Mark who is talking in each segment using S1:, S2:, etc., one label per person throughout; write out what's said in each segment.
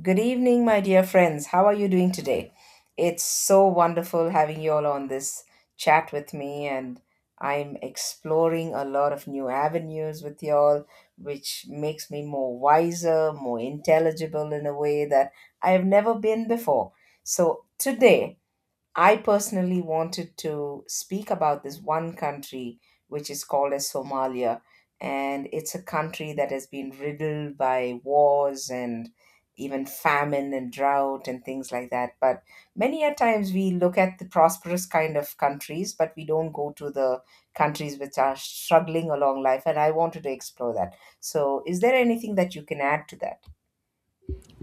S1: Good evening, my dear friends. How are you doing today? It's so wonderful having you all on this chat with me, and I'm exploring a lot of new avenues with you all, which makes me more wiser, more intelligible in a way that I have never been before. So, today I personally wanted to speak about this one country which is called as Somalia, and it's a country that has been riddled by wars and even famine and drought and things like that. But many a times we look at the prosperous kind of countries, but we don't go to the countries which are struggling along life, and I wanted to explore that. So, is there anything that you can add to that?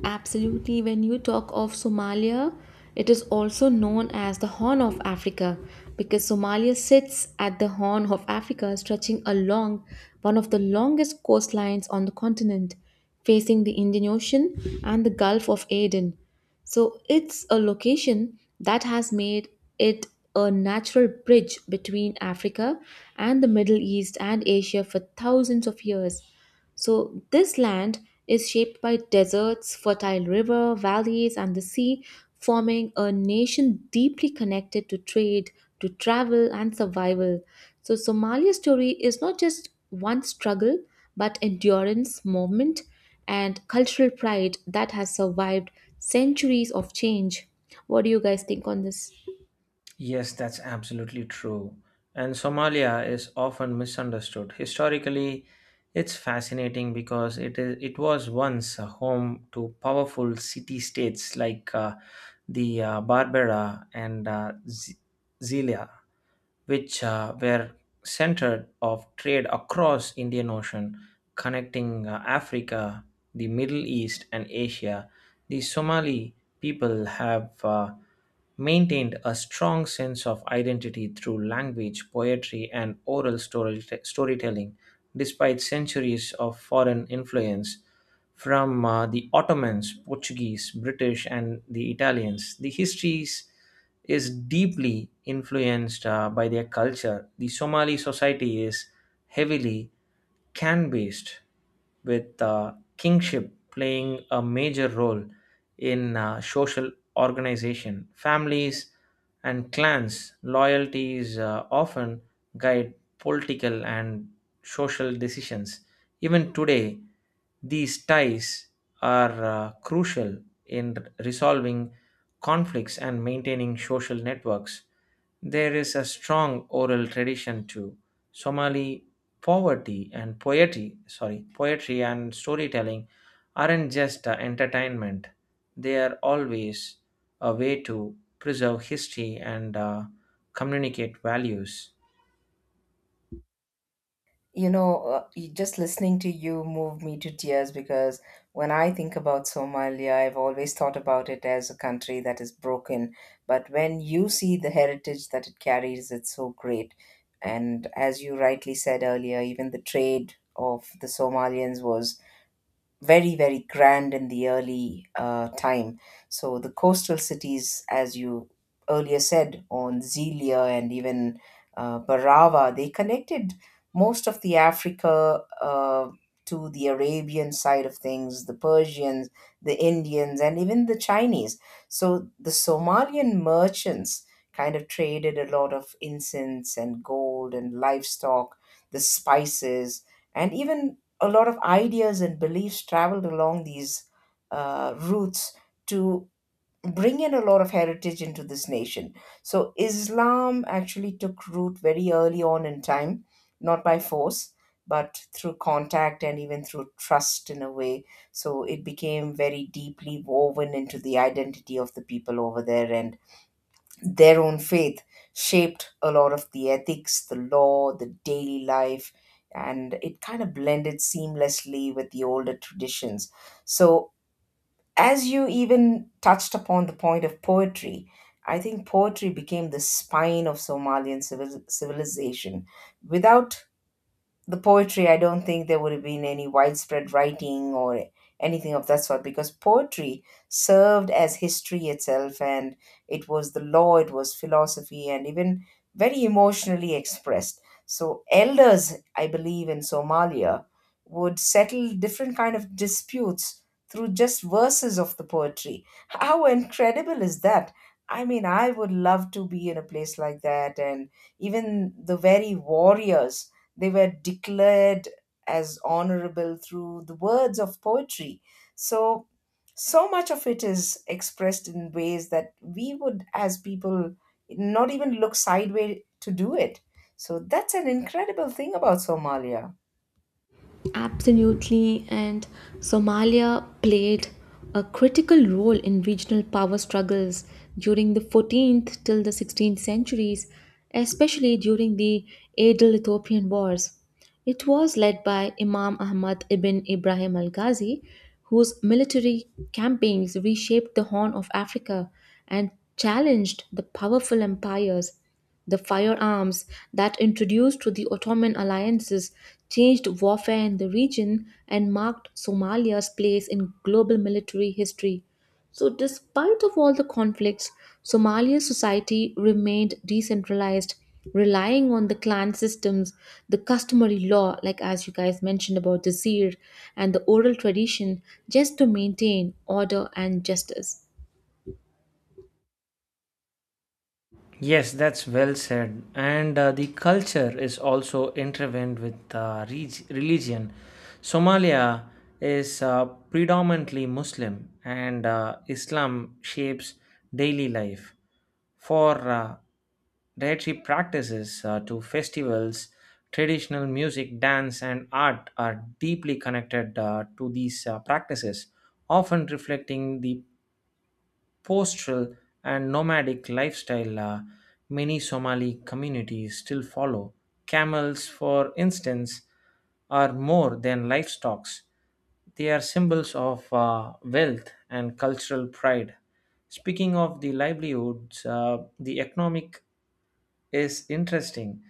S2: Absolutely, when you talk of Somalia, it is also known as the Horn of Africa because Somalia sits at the Horn of Africa, stretching along one of the longest coastlines on the continent, facing the Indian Ocean and the Gulf of Aden. So, it's a location that has made it a natural bridge between Africa and the Middle East and Asia for thousands of years. So, this land is shaped by deserts, fertile river valleys, and the sea, forming a nation deeply connected to trade, to travel, and survival. So, Somalia's story is not just one struggle, but endurance, movement, and cultural pride that has survived centuries of change. What do you guys think on this?
S3: Yes, that's absolutely true. And Somalia is often misunderstood. Historically, it's fascinating because it was once a home to powerful city-states like the Barbera and Zelia, which were centered of trade across Indian Ocean, connecting Africa, the Middle East, and Asia. The Somali people have maintained a strong sense of identity through language, poetry, and oral storytelling, despite centuries of foreign influence from the Ottomans, Portuguese, British, and the Italians. The histories is deeply influenced by their culture. The Somali society is heavily can Beast, with kingship playing a major role in social organization. Families and clans' loyalties often guide political and social decisions. Even today, these ties are crucial in resolving conflicts and maintaining social networks. There is a strong oral tradition too. Somali poverty and poetry, sorry, poetry and storytelling aren't just entertainment. They are always a way to preserve history and communicate values.
S1: Just listening to you moved me to tears because when I think about Somalia, I've always thought about it as a country that is broken. But when you see the heritage that it carries, it's so great. And as you rightly said earlier, even the trade of the Somalians was very very grand in the early time. So the coastal cities, as you earlier said, on zelia and even barava, they connected most of the africa to the arabian side of things, the persians, the indians, and even the chinese. So the somalian merchants kind of traded a lot of incense and gold and livestock, the spices, and even a lot of ideas and beliefs traveled along these routes to bring in a lot of heritage into this nation. So Islam actually took root very early on in time, not by force, but through contact and even through trust in a way. So it became very deeply woven into the identity of the people over there, and their own faith shaped a lot of the ethics, the law, the daily life, and it kind of blended seamlessly with the older traditions. So, as you even touched upon the point of poetry, I think poetry became the spine of Somalian civilization. Without the poetry, I don't think there would have been any widespread writing or anything of that sort, because poetry served as history itself, and it was the law, it was philosophy, and even very emotionally expressed. So elders, I believe, in Somalia would settle different kind of disputes through just verses of the poetry. How incredible is that? I mean, I would love to be in a place like that. And even the very warriors, they were declared as honorable through the words of poetry. So, so much of it is expressed in ways that we would, as people, not even look sideways to do it. So, that's an incredible thing about Somalia.
S2: Absolutely, and Somalia played a critical role in regional power struggles during the 14th till the 16th centuries, especially during the Adal Ethiopian Wars. It was led by Imam Ahmad ibn Ibrahim al Ghazi, whose military campaigns reshaped the Horn of Africa and challenged the powerful empires. The firearms that introduced to the Ottoman alliances changed warfare in the region and marked Somalia's place in global military history. So despite of all the conflicts, Somalia's society remained decentralized, relying on the clan systems, the customary law, like as you guys mentioned about the seer, and the oral tradition just to maintain order and justice.
S3: Yes, that's well said. And the culture is also intertwined with religion. Somalia is predominantly Muslim, and Islam shapes daily life. For dietary practices to festivals, traditional music, dance, and art are deeply connected to these practices, often reflecting the pastoral and nomadic lifestyle many Somali communities still follow. Camels, for instance, are more than livestock, they are symbols of wealth and cultural pride. Speaking of the livelihoods, the economic is interesting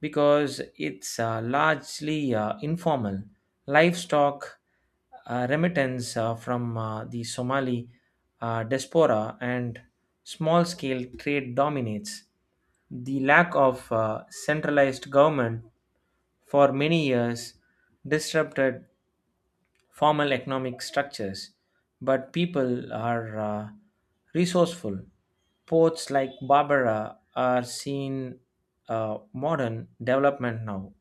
S3: because it's largely informal. Livestock remittance from the Somali diaspora and small scale trade dominates. The lack of centralized government for many years disrupted formal economic structures, but people are resourceful. Ports like Barbara are seen modern development now,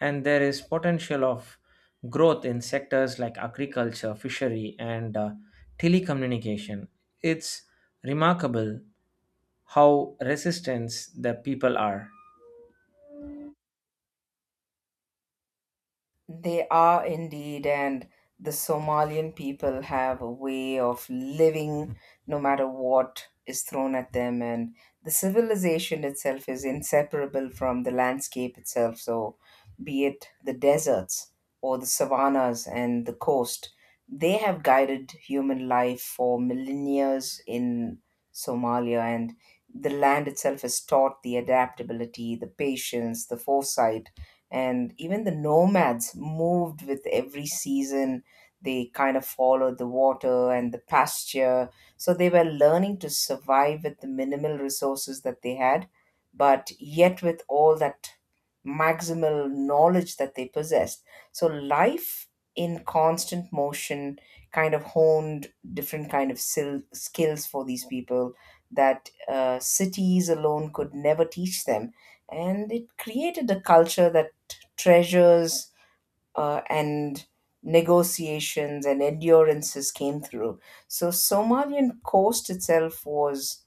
S3: and there is potential of growth in sectors like agriculture, fishery, and telecommunication. It's remarkable how resistant the people are.
S1: They are indeed, and the Somalian people have a way of living no matter what is thrown at them, and the civilization itself is inseparable from the landscape itself. So, be it the deserts or the savannas and the coast, they have guided human life for millennia in Somalia, and the land itself has taught the adaptability, the patience, the foresight, and even the nomads moved with every season. They kind of followed the water and the pasture, so they were learning to survive with the minimal resources that they had, but yet with all that maximal knowledge that they possessed. So life in constant motion kind of honed different kind of skills for these people that cities alone could never teach them, and it created a culture that treasures and negotiations and endurances came through. So Somalian coast itself was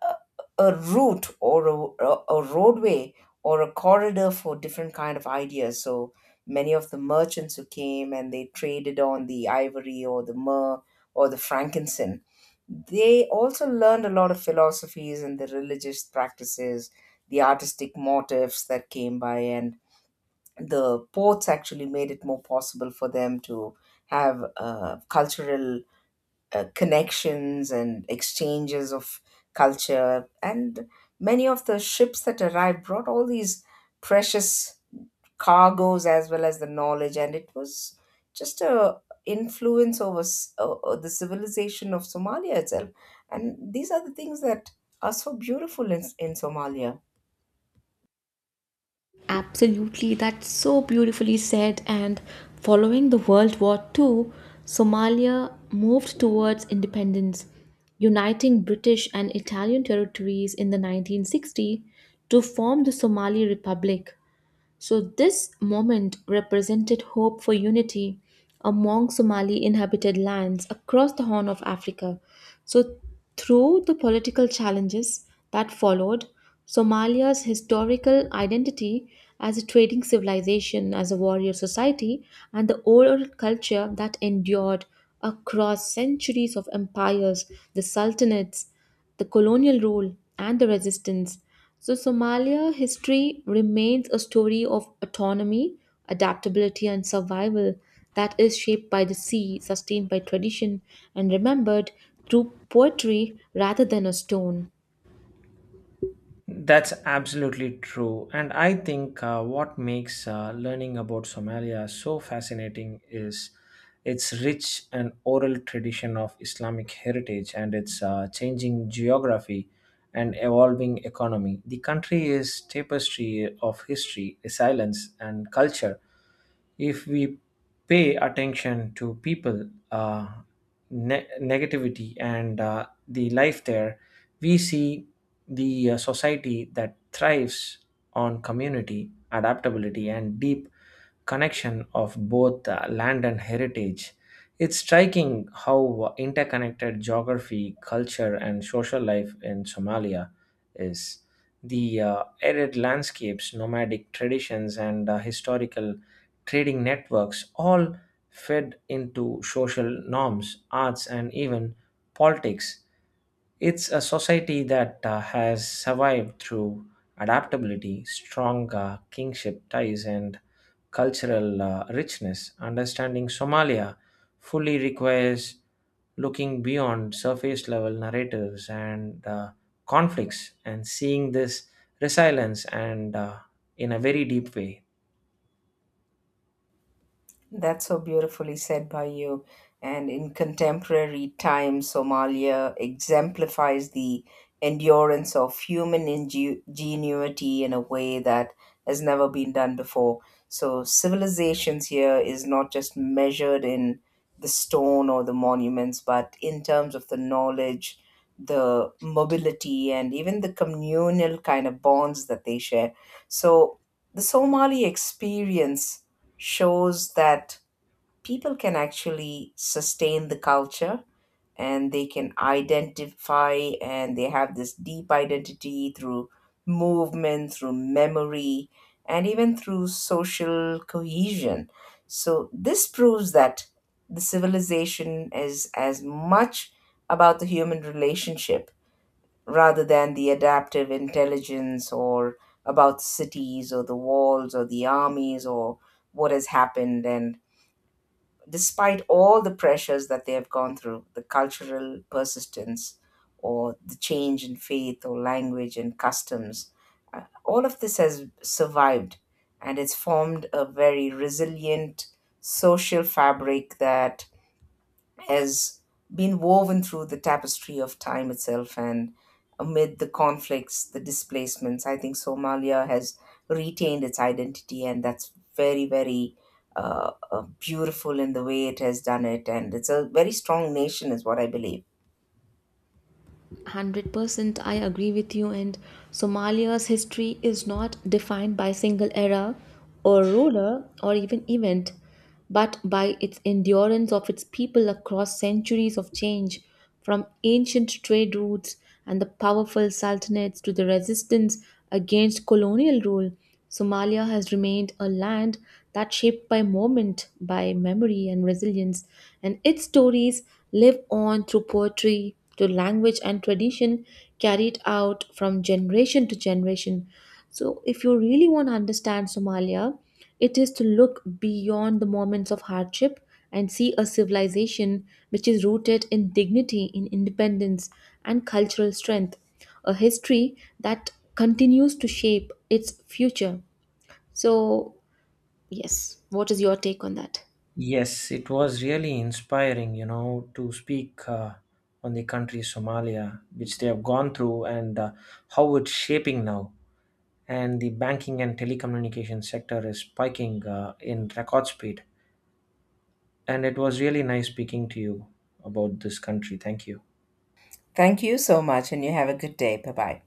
S1: a, a route, or a roadway or a corridor for different kind of ideas. So many of the merchants who came and they traded on the ivory or the myrrh or the frankincense. They also learned a lot of philosophies and the religious practices, the artistic motifs that came by, and the ports actually made it more possible for them to have cultural connections and exchanges of culture. And many of the ships that arrived brought all these precious cargoes as well as the knowledge, and it was just a influence over the civilization of Somalia itself. And these are the things that are so beautiful in Somalia.
S2: Absolutely, that's so beautifully said. And following the World War Two, Somalia moved towards independence, uniting British and Italian territories in the 1960s to form the Somali Republic. So, this moment represented hope for unity among Somali inhabited lands across the Horn of Africa. So, through the political challenges that followed, Somalia's historical identity as a trading civilization, as a warrior society, and the oral culture that endured across centuries of empires, the sultanates, the colonial rule, and the resistance. So, Somalia history remains a story of autonomy, adaptability, and survival that is shaped by the sea, sustained by tradition, and remembered through poetry rather than a stone.
S3: That's absolutely true. And I think what makes learning about Somalia so fascinating is its rich and oral tradition of Islamic heritage and its changing geography and evolving economy. The country is tapestry of history, resilience, and culture if we pay attention to people, negativity, and the life there, we see the society that thrives on community, adaptability, and deep connection of both land and heritage. It's striking how interconnected geography, culture, and social life in Somalia is. The arid landscapes, nomadic traditions, and historical trading networks all fed into social norms, arts, and even politics. It's a society that has survived through adaptability, strong kingship ties, and cultural richness. Understanding Somalia fully requires looking beyond surface level narratives and conflicts and seeing this resilience and in a very deep way.
S1: That's so beautifully said by you. And in contemporary times, Somalia exemplifies the endurance of human ingenuity in a way that has never been done before. So, civilizations here is not just measured in the stone or the monuments, but in terms of the knowledge, the mobility, and even the communal kind of bonds that they share. So, the Somali experience shows that people can actually sustain the culture, and they can identify, and they have this deep identity through movement, through memory, and even through social cohesion. So, this proves that the civilization is as much about the human relationship rather than the adaptive intelligence, or about cities or the walls or the armies or what has happened. And despite all the pressures that they have gone through, the cultural persistence or the change in faith or language and customs, all of this has survived, and it's formed a very resilient social fabric that has been woven through the tapestry of time itself. And amid the conflicts, the displacements, I think Somalia has retained its identity, and that's very, very beautiful in the way it has done it. And it's a very strong nation, is what I believe.
S2: 100% I agree with you, and Somalia's history is not defined by single era or ruler or even event, but by its endurance of its people across centuries of change, from ancient trade routes and the powerful sultanates to the resistance against colonial rule. Somalia has remained a land that shaped by moment, by memory and resilience, and its stories live on through poetry, to language and tradition carried out from generation to generation. So, if you really want to understand Somalia, it is to look beyond the moments of hardship and see a civilization which is rooted in dignity, in independence, and cultural strength, a history that continues to shape its future. So, yes, what is your take on that?
S3: Yes, it was really inspiring, you know, to speak on the country Somalia, which they have gone through and how it's shaping now. And the banking and telecommunication sector is spiking in record speed. And it was really nice speaking to you about this country. Thank you.
S1: Thank you so much, and you have a good day. Bye bye.